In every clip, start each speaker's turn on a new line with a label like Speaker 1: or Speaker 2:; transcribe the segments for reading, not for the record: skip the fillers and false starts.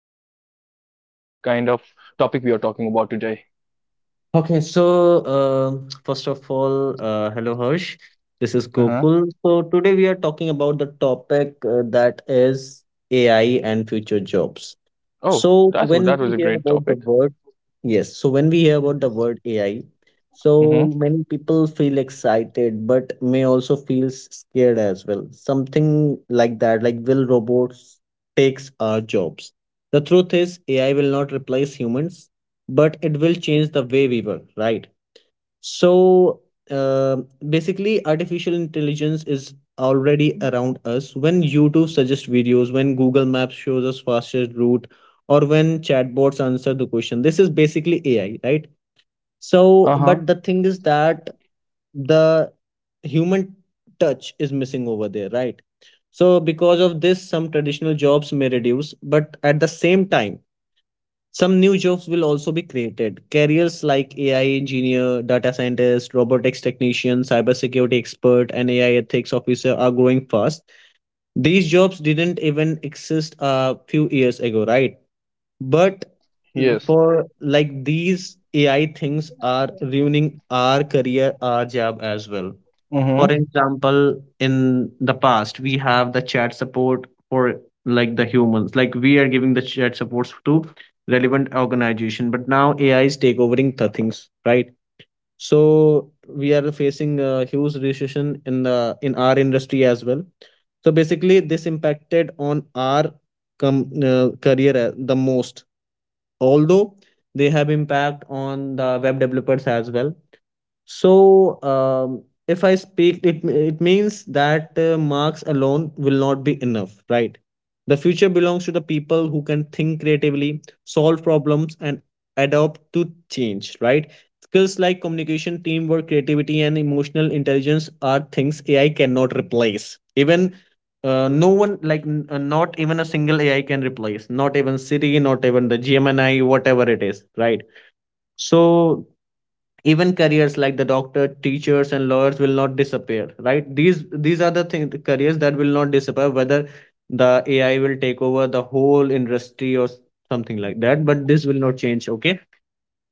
Speaker 1: we are talking about what kind of topic we are talking about today.
Speaker 2: First of all, hello Harsh. This is
Speaker 1: Uh huh.
Speaker 2: Gokul. So today we are talking about the topic that is AI and future jobs.
Speaker 1: Oh,
Speaker 2: So
Speaker 1: that's
Speaker 2: when
Speaker 1: that
Speaker 2: we
Speaker 1: was a
Speaker 2: hear
Speaker 1: great
Speaker 2: about the
Speaker 1: topic.
Speaker 2: word. Yes, so when we hear about the word AI, so
Speaker 1: Mm-hmm.
Speaker 2: many people feel excited but may also feel scared as well. Something like that, like will robots takes our jobs? The truth is AI will not replace humans, but it will change the way we work, right? So uh, basically, artificial intelligence is already around us. When YouTube suggests videos, when Google Maps shows us fastest route, or when chatbots answer the question, this is basically AI, right? So,
Speaker 1: Uh huh.
Speaker 2: but the thing is that the human touch is missing over there, right? So, because of this, some traditional jobs may reduce, but at the same time, some new jobs will also be created. Careers like AI engineer, data scientist, robotics technician, cybersecurity expert, and AI ethics officer are growing fast. These jobs didn't even exist a few years ago, right? But
Speaker 1: Yes.
Speaker 2: for like these AI things are ruining our career, our job as well. For
Speaker 1: Mm.
Speaker 2: example, in the past, we have the chat support for like the humans, like we are giving the chat supports to relevant organization, but now AI is take overing the things, right? So we are facing a huge recession in the in our industry as well. So basically, this impacted on our career the most. Although they have impact on the web developers as well, so, if I speak, it means that marks alone will not be enough, right? The future belongs to the people who can think creatively, solve problems, and adapt to change, right? Skills like communication, teamwork, creativity, and emotional intelligence are things AI cannot replace. Even no one, like not even a single AI can replace. Not even Siri, not even the Gemini, whatever it is, right? So even careers like the doctor teachers and lawyers will not disappear, right? These are the thing careers that will not disappear, whether the AI will take over the whole industry or something like that, but this will not change. Okay,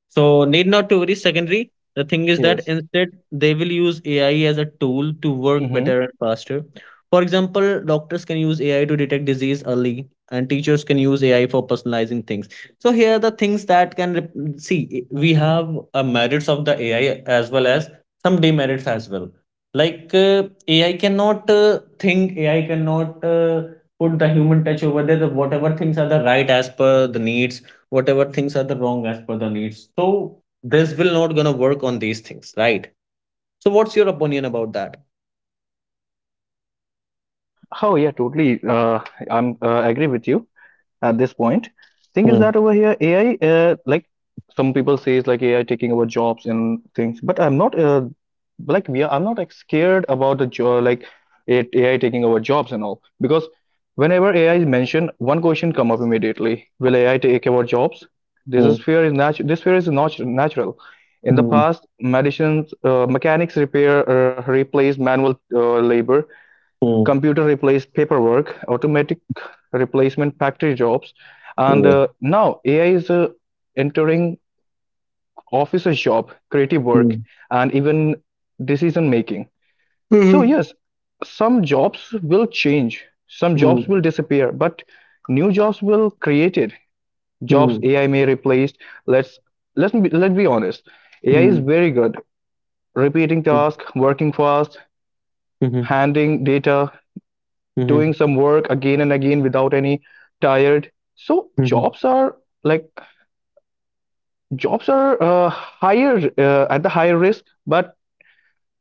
Speaker 2: so need not to worry. Secondary, the thing is that
Speaker 1: Yes.
Speaker 2: instead they will use AI as a tool to
Speaker 1: Hmm.
Speaker 2: work
Speaker 1: Mm hmm.
Speaker 2: better and faster. For example, doctors can use AI to detect disease early, and teachers can use AI for personalizing things. So here are the things that can see we have a merits of the AI as well as some demerits as well. Like AI cannot think, AI cannot put the human touch over there. The, whatever things are the right as per the needs, whatever things are the wrong as per the needs. So this will not gonna work on these things, right? So what's your opinion about that?
Speaker 1: Oh yeah, totally. I'm agree with you at this point. Thing is
Speaker 2: Hmm,
Speaker 1: that over here, AI, like some people say, is like AI taking over jobs and things, but I'm not I'm not like scared about the job, like it, AI taking over jobs and all, because whenever AI is mentioned, one question come up immediately: will AI take over jobs? This is
Speaker 2: hmm,
Speaker 1: fear is natural. This fear is not natural. In the
Speaker 2: hmm,
Speaker 1: past, medicines, mechanics repair replaced manual labor,
Speaker 2: hmm,
Speaker 1: computer replaced paperwork, automatic replacement factory jobs, and
Speaker 2: yeah,
Speaker 1: now AI is entering officer's job, creative work,
Speaker 2: hmm,
Speaker 1: and even decision making. So
Speaker 2: hmm,
Speaker 1: yes, some jobs will change, some
Speaker 2: hmm,
Speaker 1: jobs will disappear, but new jobs will created. Jobs
Speaker 2: hmm,
Speaker 1: AI may replace. Let's let's be honest. AI is
Speaker 2: hmm,
Speaker 1: very good repeating tasks, working fast,
Speaker 2: mhm,
Speaker 1: handling data,
Speaker 2: mhm,
Speaker 1: doing some work again and again without any tired. So
Speaker 2: mhm,
Speaker 1: like jobs are higher at the higher risk, but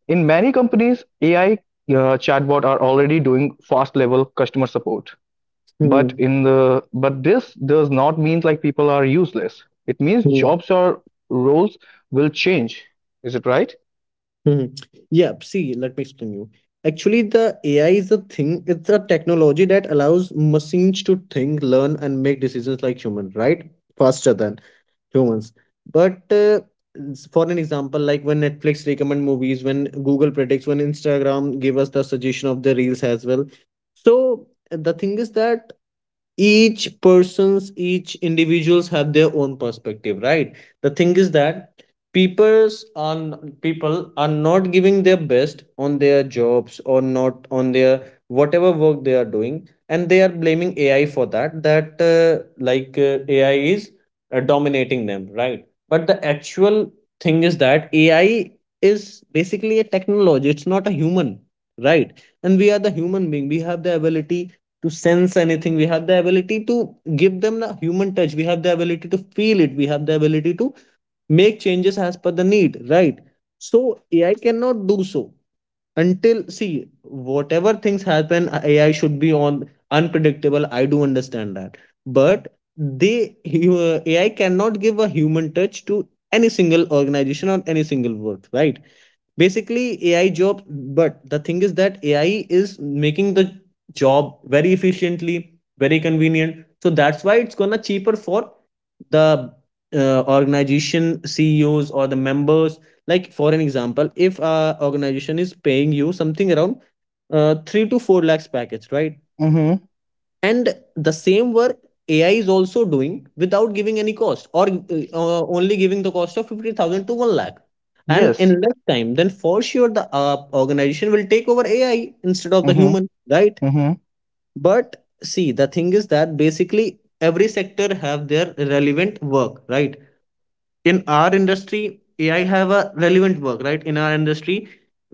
Speaker 1: in many companies, AI chatbot are already doing fast level customer support. But
Speaker 2: mhm,
Speaker 1: in the but this does not mean like people are useless. It means
Speaker 2: mhm,
Speaker 1: jobs or roles will change. Is it right?
Speaker 2: mhm. Yeah, see, let me explain you. Actually, the AI is a thing, it's a technology that allows machines to think, learn, and make decisions like human, right? Faster than humans. But for an example, like when Netflix recommend movies, when Google predicts, when Instagram give us the suggestion of the reels as well. So the thing is that each person's each individuals have their own perspective, right? The thing is that people's on people are not giving their best on their jobs or not on their whatever work they are doing, and they are blaming AI for that, that AI is dominating them, right? But the actual thing is that AI is basically a technology, it's not a human, right? And we are the human being, we have the ability to sense anything. We have the ability to give them the human touch. We have the ability to feel it. We have the ability to make changes as per the need, right? So AI cannot do so until see whatever things happen. AI should be on unpredictable. I do understand that, but they AI cannot give a human touch to any single organization or any single work, right? Basically AI job, but the thing is that AI is making the job very efficiently, very convenient, so that's why it's gonna cheaper for the organization CEOs or the members. Like for an example, if a organization is paying you something around 3 to 4 lakhs package, right?
Speaker 1: Mm-hmm.
Speaker 2: And the same work AI is also doing without giving any cost, or only giving the cost of 50,000 to 1 lakh, and
Speaker 1: Yes.
Speaker 2: in less time, then for sure the organization will take over AI instead of the
Speaker 1: Mm-hmm.
Speaker 2: human, right?
Speaker 1: Mm-hmm.
Speaker 2: But see, the thing is that basically every sector have their relevant work, right? In our industry AI have a relevant work, right? In our industry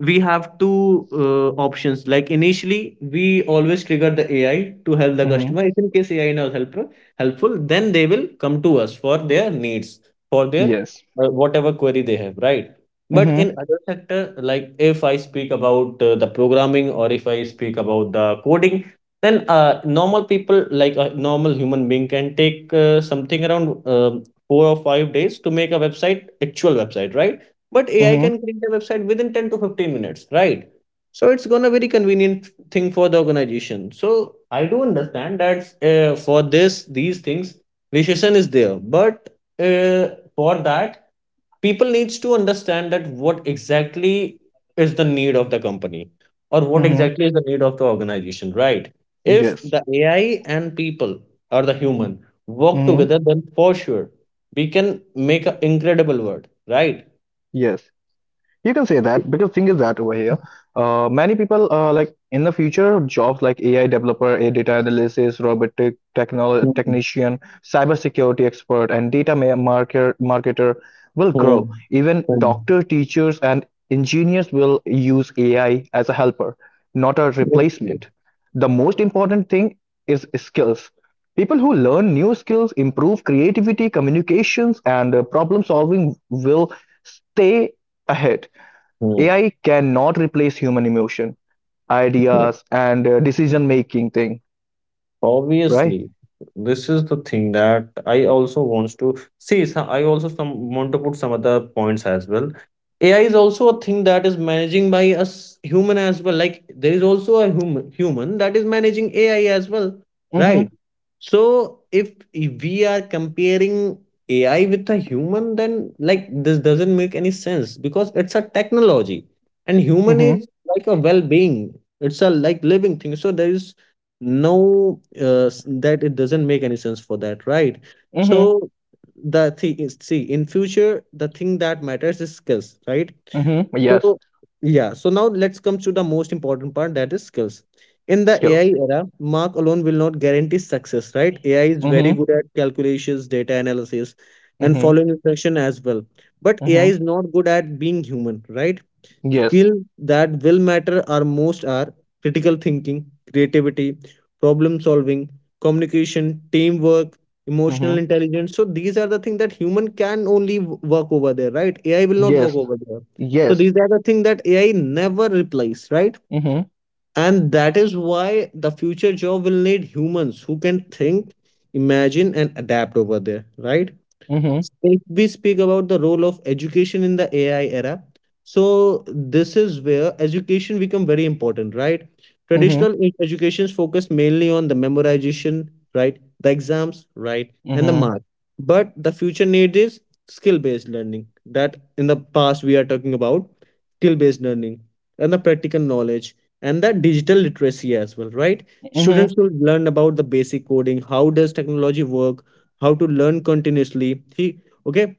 Speaker 2: we have two options. Like initially we always trigger the AI to help the
Speaker 1: Mm-hmm.
Speaker 2: customer. If in case AI is helpful, then they will come to us for their needs, for their
Speaker 1: Yes.
Speaker 2: whatever query they have, right? But
Speaker 1: Mm-hmm.
Speaker 2: in other sector, like if I speak about the programming, or if I speak about the coding, then normal people, like a normal human being, can take something around 4 or 5 days to make a website, actual website, right? But AI
Speaker 1: Mm-hmm.
Speaker 2: can create a website within 10 to 15 minutes, right? So it's gonna very convenient thing for the organization. So I do understand that for this these things recession is there, but uh, for that people needs to understand that what exactly is the need of the company or what
Speaker 1: Mm-hmm.
Speaker 2: exactly is the need of the organization, right? If
Speaker 1: Yes.
Speaker 2: the AI and people or the human work
Speaker 1: Mm-hmm.
Speaker 2: together, then for sure we can make an incredible world, right?
Speaker 1: Yes. You can say that because thing is that over here, many people like in the future jobs like AI developer, a data analysis, robotic technol
Speaker 2: Hmm.
Speaker 1: technician, cybersecurity expert, and data ma- marker marketer will
Speaker 2: Hmm.
Speaker 1: grow. Even
Speaker 2: Hmm.
Speaker 1: doctor, teachers, and engineers will use AI as a helper, not a
Speaker 2: Exactly.
Speaker 1: replacement. The most important thing is skills. People who learn new skills, improve creativity, communications, and problem solving will stay ahead.
Speaker 2: Hmm.
Speaker 1: AI cannot replace human emotion, ideas, and decision-making thing, right?
Speaker 2: Obviously, this is the thing that I also wants to see. So I also some want to put some other points as well. AI is also a thing that is managing by us human as well. Like there is also a human that is managing AI as well,
Speaker 1: Mm-hmm.
Speaker 2: right? So if we are comparing AI with a human, then like this doesn't make any sense because it's a technology, and human
Speaker 1: Mm-hmm.
Speaker 2: is like a well-being. It's a like living thing. So there is no that it doesn't make any sense for that, right?
Speaker 1: Mm-hmm.
Speaker 2: So the thing is, see, in future the thing that matters is skills, right?
Speaker 1: Mm-hmm. Yes.
Speaker 2: So yeah, so now let's come to the most important part, that is skills. In the AI
Speaker 1: Skills.
Speaker 2: era mark alone will not guarantee success, right? AI is very
Speaker 1: Mm-hmm.
Speaker 2: good at calculations, data analysis, and
Speaker 1: Mm-hmm.
Speaker 2: following instruction as well, but AI
Speaker 1: Mm-hmm.
Speaker 2: is not good at being human, right?
Speaker 1: Yes.
Speaker 2: Skill that will matter are most are critical thinking, creativity, problem solving, communication, teamwork, emotional
Speaker 1: Mm-hmm.
Speaker 2: intelligence. So these are the things that human can only work over there, right? AI will not work
Speaker 1: Yes.
Speaker 2: over there. So
Speaker 1: Yes.
Speaker 2: these are the things that AI never replace, right?
Speaker 1: Mm-hmm.
Speaker 2: And that is why the future job will need humans who can think, imagine, and adapt over there, right?
Speaker 1: Mm-hmm.
Speaker 2: If we speak about the role of education in the AI era, so this is where education become very important, right?
Speaker 1: Mm-hmm.
Speaker 2: Traditional educations focus mainly on the memorization, right? The exams, right? And the
Speaker 1: Mm-hmm.
Speaker 2: mark. But the future need is skill-based learning, that in the past we are talking about, skill-based learning and the practical knowledge and the digital literacy as well, right?
Speaker 1: Mm-hmm.
Speaker 2: Students will learn about the basic coding, how does technology work, how to learn continuously, see, okay,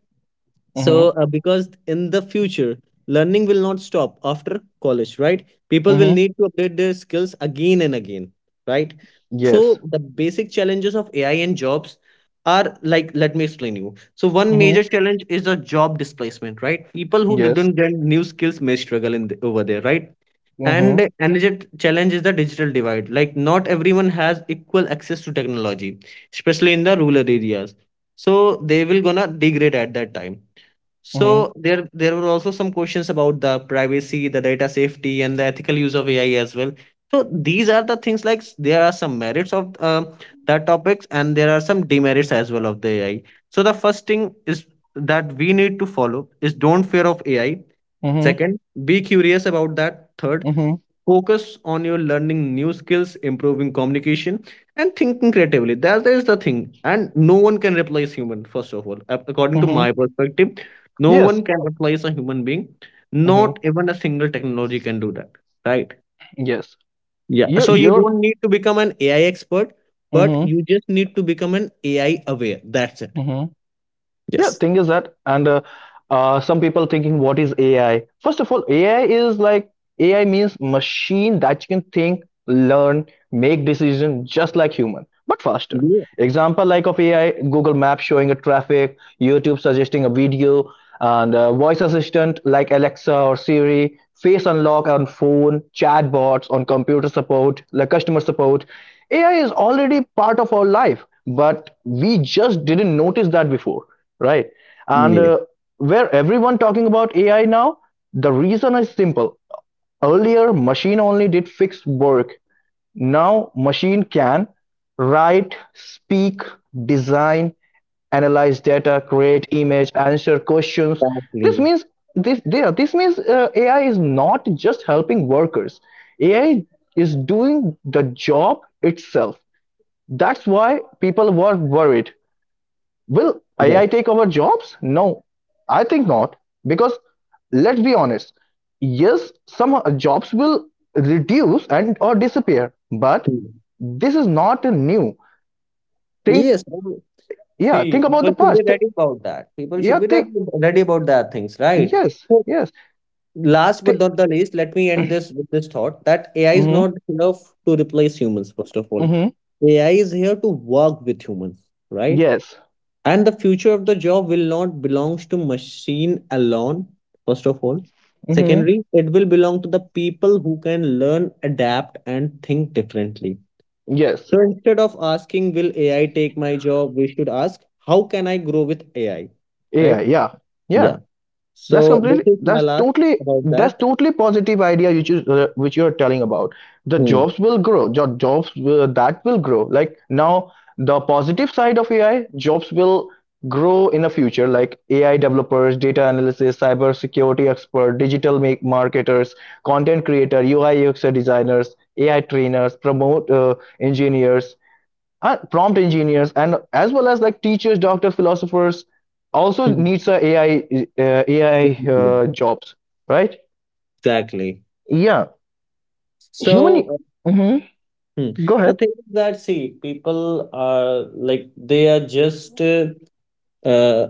Speaker 1: Mm-hmm.
Speaker 2: so because in the future learning will not stop after college, right? People will
Speaker 1: Mm-hmm.
Speaker 2: need to update their skills again and again, right?
Speaker 1: Yes.
Speaker 2: So the basic challenges of AI and jobs are, like let me explain you. So one major
Speaker 1: Mm-hmm.
Speaker 2: challenge is the job displacement, right? People who
Speaker 1: Yes.
Speaker 2: didn't get new skills may struggle in the, over there, right?
Speaker 1: Mm-hmm.
Speaker 2: And another challenge is the digital divide. Like not everyone has equal access to technology, especially in the rural areas. So they will gonna degrade at that time.
Speaker 1: Mm-hmm.
Speaker 2: So there were also some questions about the privacy, the data safety, and the ethical use of AI as well. So these are the things, like there are some merits of that topics and there are some demerits as well of the AI. So the first thing is that we need to follow is don't fear of AI.
Speaker 1: Mm-hmm.
Speaker 2: Second, be curious about that. Third,
Speaker 1: Mm-hmm.
Speaker 2: focus on your learning new skills, improving communication, and thinking creatively. That is the thing, and no one can replace human. First of all Ap- According to my
Speaker 1: Mm-hmm.
Speaker 2: perspective, no
Speaker 1: Yes.
Speaker 2: one can replace a human being. Not
Speaker 1: Mm-hmm.
Speaker 2: even a single technology can do that, right?
Speaker 1: Yes.
Speaker 2: Yeah,
Speaker 1: You.
Speaker 2: so you
Speaker 1: You're.
Speaker 2: don't need to become an AI expert, but
Speaker 1: Mm-hmm.
Speaker 2: you just need to become an ai aware. That's it.
Speaker 1: Mm-hmm. Yeah,
Speaker 2: Yes,
Speaker 1: thing is that, and some people thinking, what is AI? First of all, AI is like AI means machine that you can think, learn, make decision just like human, but faster.
Speaker 2: yeah,
Speaker 1: Example like of AI, Google Maps showing a traffic, YouTube suggesting a video, and voice assistant like Alexa or Siri, face unlock on phone, chatbots on computer support, like customer support. AI is already part of our life, but we just didn't notice that before, right? And
Speaker 2: yeah,
Speaker 1: where everyone talking about AI now, the reason is simple. Earlier, machine only did fixed work. Now, machine can write, speak, design, analyze data, create image, answer questions. This
Speaker 2: exactly.
Speaker 1: means this there. This means AI is not just helping workers. AI is doing the job itself. That's why people were worried: will AI take our jobs? No, I think not. Because let's be honest, yes, some jobs will reduce and or disappear, but
Speaker 2: Right.
Speaker 1: this is not a new. Think,
Speaker 2: Yes, I do.
Speaker 1: yeah,
Speaker 2: See,
Speaker 1: think about
Speaker 2: people
Speaker 1: the
Speaker 2: should be
Speaker 1: past.
Speaker 2: ready about that. People
Speaker 1: Yeah,
Speaker 2: should be re-
Speaker 1: think,
Speaker 2: ready about that things, right?
Speaker 1: yes,
Speaker 2: So,
Speaker 1: yes.
Speaker 2: last but
Speaker 1: Thi-
Speaker 2: not the least, let me end this with this thought that AI is
Speaker 1: mm-hmm,
Speaker 2: not enough to replace humans, first of all.
Speaker 1: mm-hmm,
Speaker 2: AI is here to work with humans, right?
Speaker 1: yes,
Speaker 2: And the future of the job will not belongs to machine alone, first of all.
Speaker 1: mm-hmm,
Speaker 2: Secondly, it will belong to the people who can learn, adapt, and think differently.
Speaker 1: yes.
Speaker 2: So instead of asking, will AI take my job? We should ask, how can I grow with AI?
Speaker 1: Yeah,
Speaker 2: Right?
Speaker 1: yeah,
Speaker 2: Yeah.
Speaker 1: yeah. That's
Speaker 2: So this
Speaker 1: completely.
Speaker 2: is my
Speaker 1: That's
Speaker 2: last
Speaker 1: totally.
Speaker 2: about
Speaker 1: That's
Speaker 2: that.
Speaker 1: totally positive idea which you are telling about. The
Speaker 2: Hmm.
Speaker 1: jobs will grow. That will grow. Like now, the positive side of AI, jobs will grow in the future. Like AI developers, data analysis, cyber security expert, digital make marketers, content creator, UI UX designers, AI trainers, promote engineers, and prompt engineers, and as well as like teachers, doctors, philosophers also
Speaker 2: Hmm.
Speaker 1: needs a ai uh, ai
Speaker 2: Exactly.
Speaker 1: uh, jobs, right.
Speaker 2: Exactly.
Speaker 1: Yeah, human.
Speaker 2: So
Speaker 1: Hmm.
Speaker 2: hmm.
Speaker 1: Go
Speaker 2: The
Speaker 1: ahead.
Speaker 2: thing is that, see, people are like, they are just uh,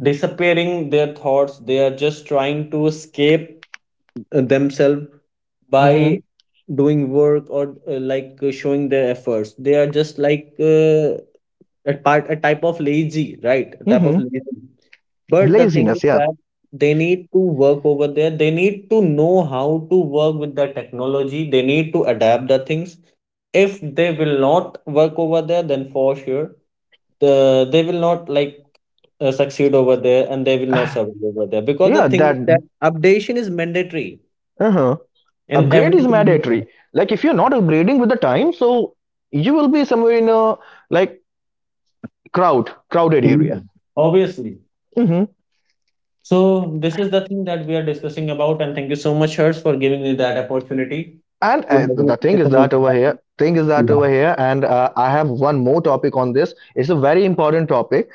Speaker 2: disappearing their thoughts. They are just trying to escape themselves by
Speaker 1: Hmm,
Speaker 2: doing work or like showing their efforts. They are just like a type of lazy, right? A type of
Speaker 1: hmm.
Speaker 2: lazy. But the thing
Speaker 1: Laziness,
Speaker 2: is
Speaker 1: yeah.
Speaker 2: that they need to work over there. They need to know how to work with the technology. They need to adapt the things. If they will not work over there, then for sure they will not like succeed over there, and they will not survive over there, because the
Speaker 1: Yeah,
Speaker 2: thing is
Speaker 1: that.
Speaker 2: that updation is mandatory
Speaker 1: Uh-huh.
Speaker 2: in
Speaker 1: Upgrade
Speaker 2: every
Speaker 1: is
Speaker 2: single
Speaker 1: mandatory.
Speaker 2: product.
Speaker 1: Like if you're not upgrading with the time, so you will be somewhere in a, like, crowd crowded area.
Speaker 2: Mhm. Obviously.
Speaker 1: Mm-hmm.
Speaker 2: So this is the thing that we are discussing about, and thank you so much, Hers, for giving me that opportunity
Speaker 1: And
Speaker 2: to have a
Speaker 1: the thing is
Speaker 2: discussion about
Speaker 1: that over
Speaker 2: that.
Speaker 1: here, thing is that
Speaker 2: Yeah.
Speaker 1: over here, and I have one more topic on this. It's a very important topic.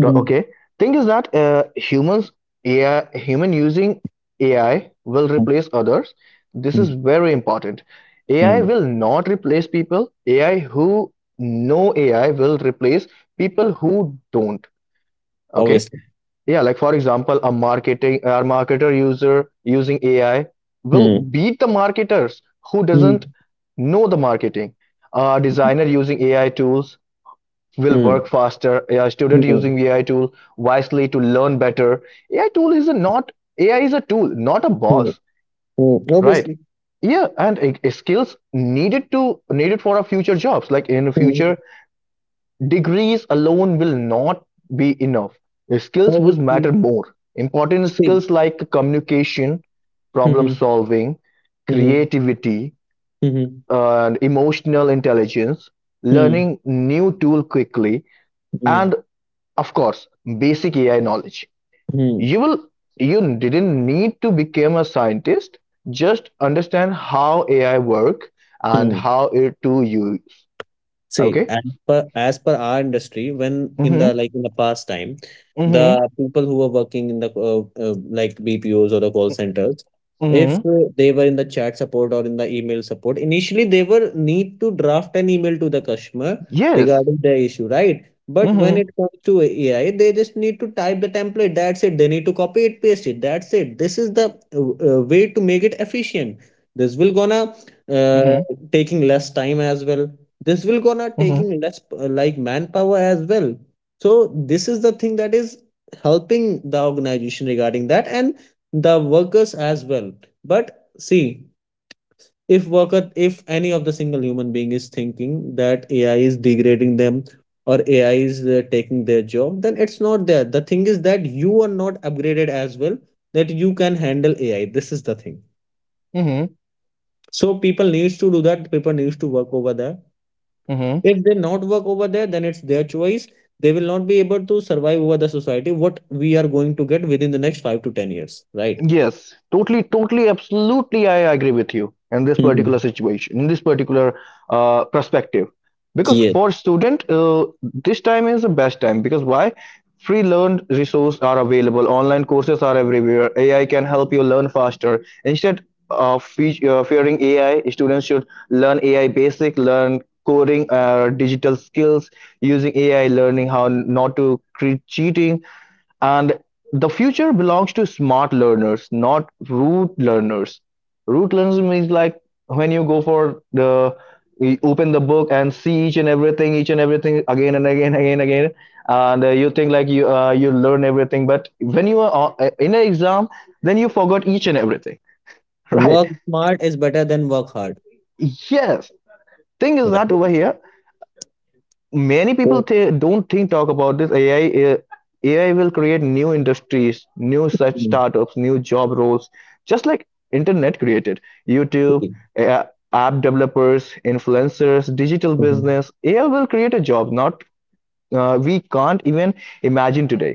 Speaker 1: Okay, thing is that humans, AI, human using AI will
Speaker 2: Hmm.
Speaker 1: replace others. This is
Speaker 2: Hmm.
Speaker 1: very important. AI
Speaker 2: Hmm.
Speaker 1: will not replace people. AI who know AI will replace people who don't. Okay,
Speaker 2: Obviously.
Speaker 1: yeah, like for example, a marketer user using AI will
Speaker 2: Hmm.
Speaker 1: beat the marketers who
Speaker 2: Hmm.
Speaker 1: doesn't know the marketing. A designer using AI tools will
Speaker 2: Hmm.
Speaker 1: work faster. A student
Speaker 2: Hmm.
Speaker 1: using AI tool wisely to learn better. AI tool is a not AI is a tool, not a
Speaker 2: Hmm.
Speaker 1: boss,
Speaker 2: Hmm.
Speaker 1: right?
Speaker 2: Obviously.
Speaker 1: Yeah, and skills needed to needed for our future jobs. Like in the
Speaker 2: Hmm.
Speaker 1: future, degrees alone will not be enough. The skills will
Speaker 2: Obviously.
Speaker 1: matter more. Important
Speaker 2: Hmm.
Speaker 1: skills like communication, problem
Speaker 2: Hmm.
Speaker 1: solving,
Speaker 2: Hmm.
Speaker 1: creativity,
Speaker 2: Hmm.
Speaker 1: and emotional intelligence,
Speaker 2: Hmm.
Speaker 1: learning new tool quickly,
Speaker 2: Hmm.
Speaker 1: and of course, basic AI knowledge.
Speaker 2: Hmm.
Speaker 1: You will you didn't need to become a scientist. Just understand how AI work and
Speaker 2: Hmm.
Speaker 1: how it to use.
Speaker 2: See,
Speaker 1: Okay.
Speaker 2: as per our industry, when in the
Speaker 1: Mm-hmm.
Speaker 2: like in the past time,
Speaker 1: Mm-hmm.
Speaker 2: the people who were working in the like BPOs or the call centers, if
Speaker 1: Mm-hmm.
Speaker 2: they were in the chat support or in the email support, initially they were need to draft an email to the customer
Speaker 1: Yes.
Speaker 2: regarding their issue, right? But when
Speaker 1: Mm-hmm.
Speaker 2: it comes to AI, they just need to type the template. That's it. They need to copy it, paste it. That's it. This is the way to make it efficient. This will gonna
Speaker 1: Mm-hmm.
Speaker 2: uh, taking less time as well. This will gonna
Speaker 1: Mm-hmm.
Speaker 2: taking less like manpower as well. So this is the thing that is helping the organization regarding that, and the workers as well. But see, if any of the single human being is thinking that AI is degrading them, or AI is taking their job, then it's not there. The thing is that you are not upgraded as well, that you can handle AI. This is the thing.
Speaker 1: Mm-hmm.
Speaker 2: So people needs to do that. People needs to work over there.
Speaker 1: Mm-hmm.
Speaker 2: If they not work over there, then it's their choice. They will not be able to survive over the society. What we are going to get within the next 5 to 10 years, right?
Speaker 1: Yes, totally, totally, absolutely. I agree with you in this particular
Speaker 2: Hmm.
Speaker 1: situation, in this particular perspective. Because
Speaker 2: Yes.
Speaker 1: for student, this time is the best time. Because why? Free learned resources are available. Online courses are everywhere. AI can help you learn faster. Instead of fearing AI, students should learn AI basic, learn coding, digital skills, using AI, learning how not to create cheating. And the future belongs to smart learners, not root learners. Root learners means like when you go for the you open the book and see each and everything again and again, again, again, and you think like you learn everything. But when you are in an exam, then you forgot each and everything, right?
Speaker 2: Work smart is better than work hard,
Speaker 1: Yes. Thing is that over
Speaker 2: right?
Speaker 1: here, many people
Speaker 2: So,
Speaker 1: th don't think, talk about this AI. AI will create new industries, new such
Speaker 2: mm,
Speaker 1: startups, new job roles, just like internet created. YouTube,
Speaker 2: see,
Speaker 1: uh, app developers, influencers, digital
Speaker 2: mhm,
Speaker 1: business. AI will create a job, not we can't even imagine today.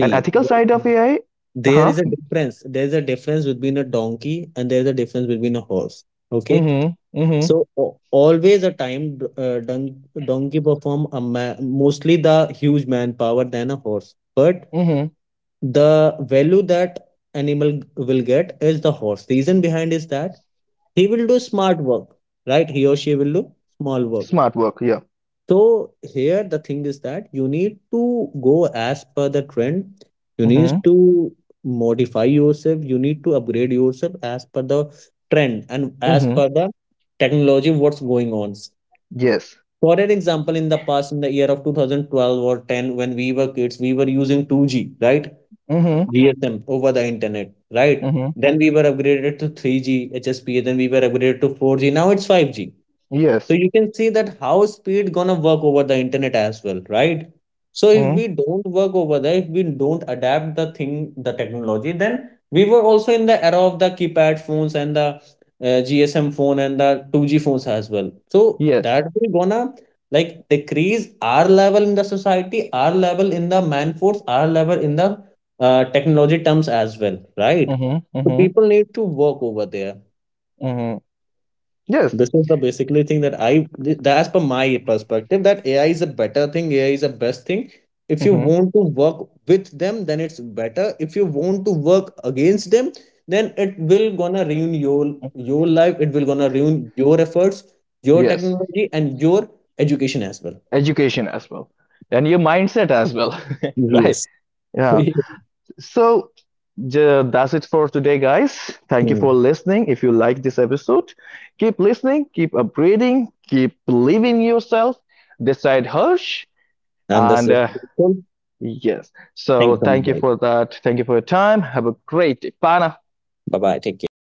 Speaker 1: An ethical side
Speaker 2: there
Speaker 1: of AI,
Speaker 2: there
Speaker 1: huh?
Speaker 2: is a difference. There is a difference between a donkey and there is a difference between a horse. Okay,
Speaker 1: Mm-hmm. Mm-hmm.
Speaker 2: so always a time donkey perform a mostly the huge manpower than a horse, but
Speaker 1: Mm-hmm.
Speaker 2: the value that animal will get is the horse. Reason behind is that he will do smart work, right? He or she will do small work.
Speaker 1: Smart work. Yeah.
Speaker 2: So here the thing is that you need to go as per the trend. You need
Speaker 1: Mm-hmm.
Speaker 2: to modify yourself. You need to upgrade yourself as per the trend, and as
Speaker 1: Mm-hmm.
Speaker 2: per the technology what's going on.
Speaker 1: Yes.
Speaker 2: For an example, in the past, in the year of 2012 or 10, when we were kids, we were using 2G, right?
Speaker 1: Mm-hmm.
Speaker 2: GSM over the internet, right?
Speaker 1: Mm-hmm.
Speaker 2: Then we were upgraded to 3G, HSPA, then we were upgraded to 4G. Now it's 5G. So
Speaker 1: Yes.
Speaker 2: you can see that how speed gonna work over the internet as well, right? So if
Speaker 1: Mm-hmm.
Speaker 2: we don't work over there, if we don't adapt the thing, the technology, then we were also in the era of the keypad phones and the GSM phone and the 2G phones as well. So
Speaker 1: Yes.
Speaker 2: that we gonna like decrease our level in the society, our level in the man force, our level in the technology terms as well, right?
Speaker 1: Mm-hmm.
Speaker 2: So
Speaker 1: Mm-hmm.
Speaker 2: people need to work over there.
Speaker 1: Hmm. Yes.
Speaker 2: This is the basically thing that as per my perspective, that AI is a better thing, AI is a best thing. If you
Speaker 1: Hmm.
Speaker 2: want to work with them, then it's better. If you want to work against them, then it will gonna ruin your life. It will gonna ruin your efforts, your
Speaker 1: Yes.
Speaker 2: technology, and your education as well.
Speaker 1: Education as well. And your mindset as well. Right.
Speaker 2: Yes.
Speaker 1: Yeah. So that's it for today, guys. Thank you
Speaker 2: Hmm.
Speaker 1: for listening. If you like this episode, keep listening, keep upgrading, keep believing in yourself. Decide Hirsch.
Speaker 2: And this
Speaker 1: And
Speaker 2: is cool.
Speaker 1: yes.
Speaker 2: Thank
Speaker 1: So
Speaker 2: you so much,
Speaker 1: thank you
Speaker 2: guys.
Speaker 1: for that. Thank you for your time. Have a great day. Bye now.
Speaker 2: Bye bye. Take care.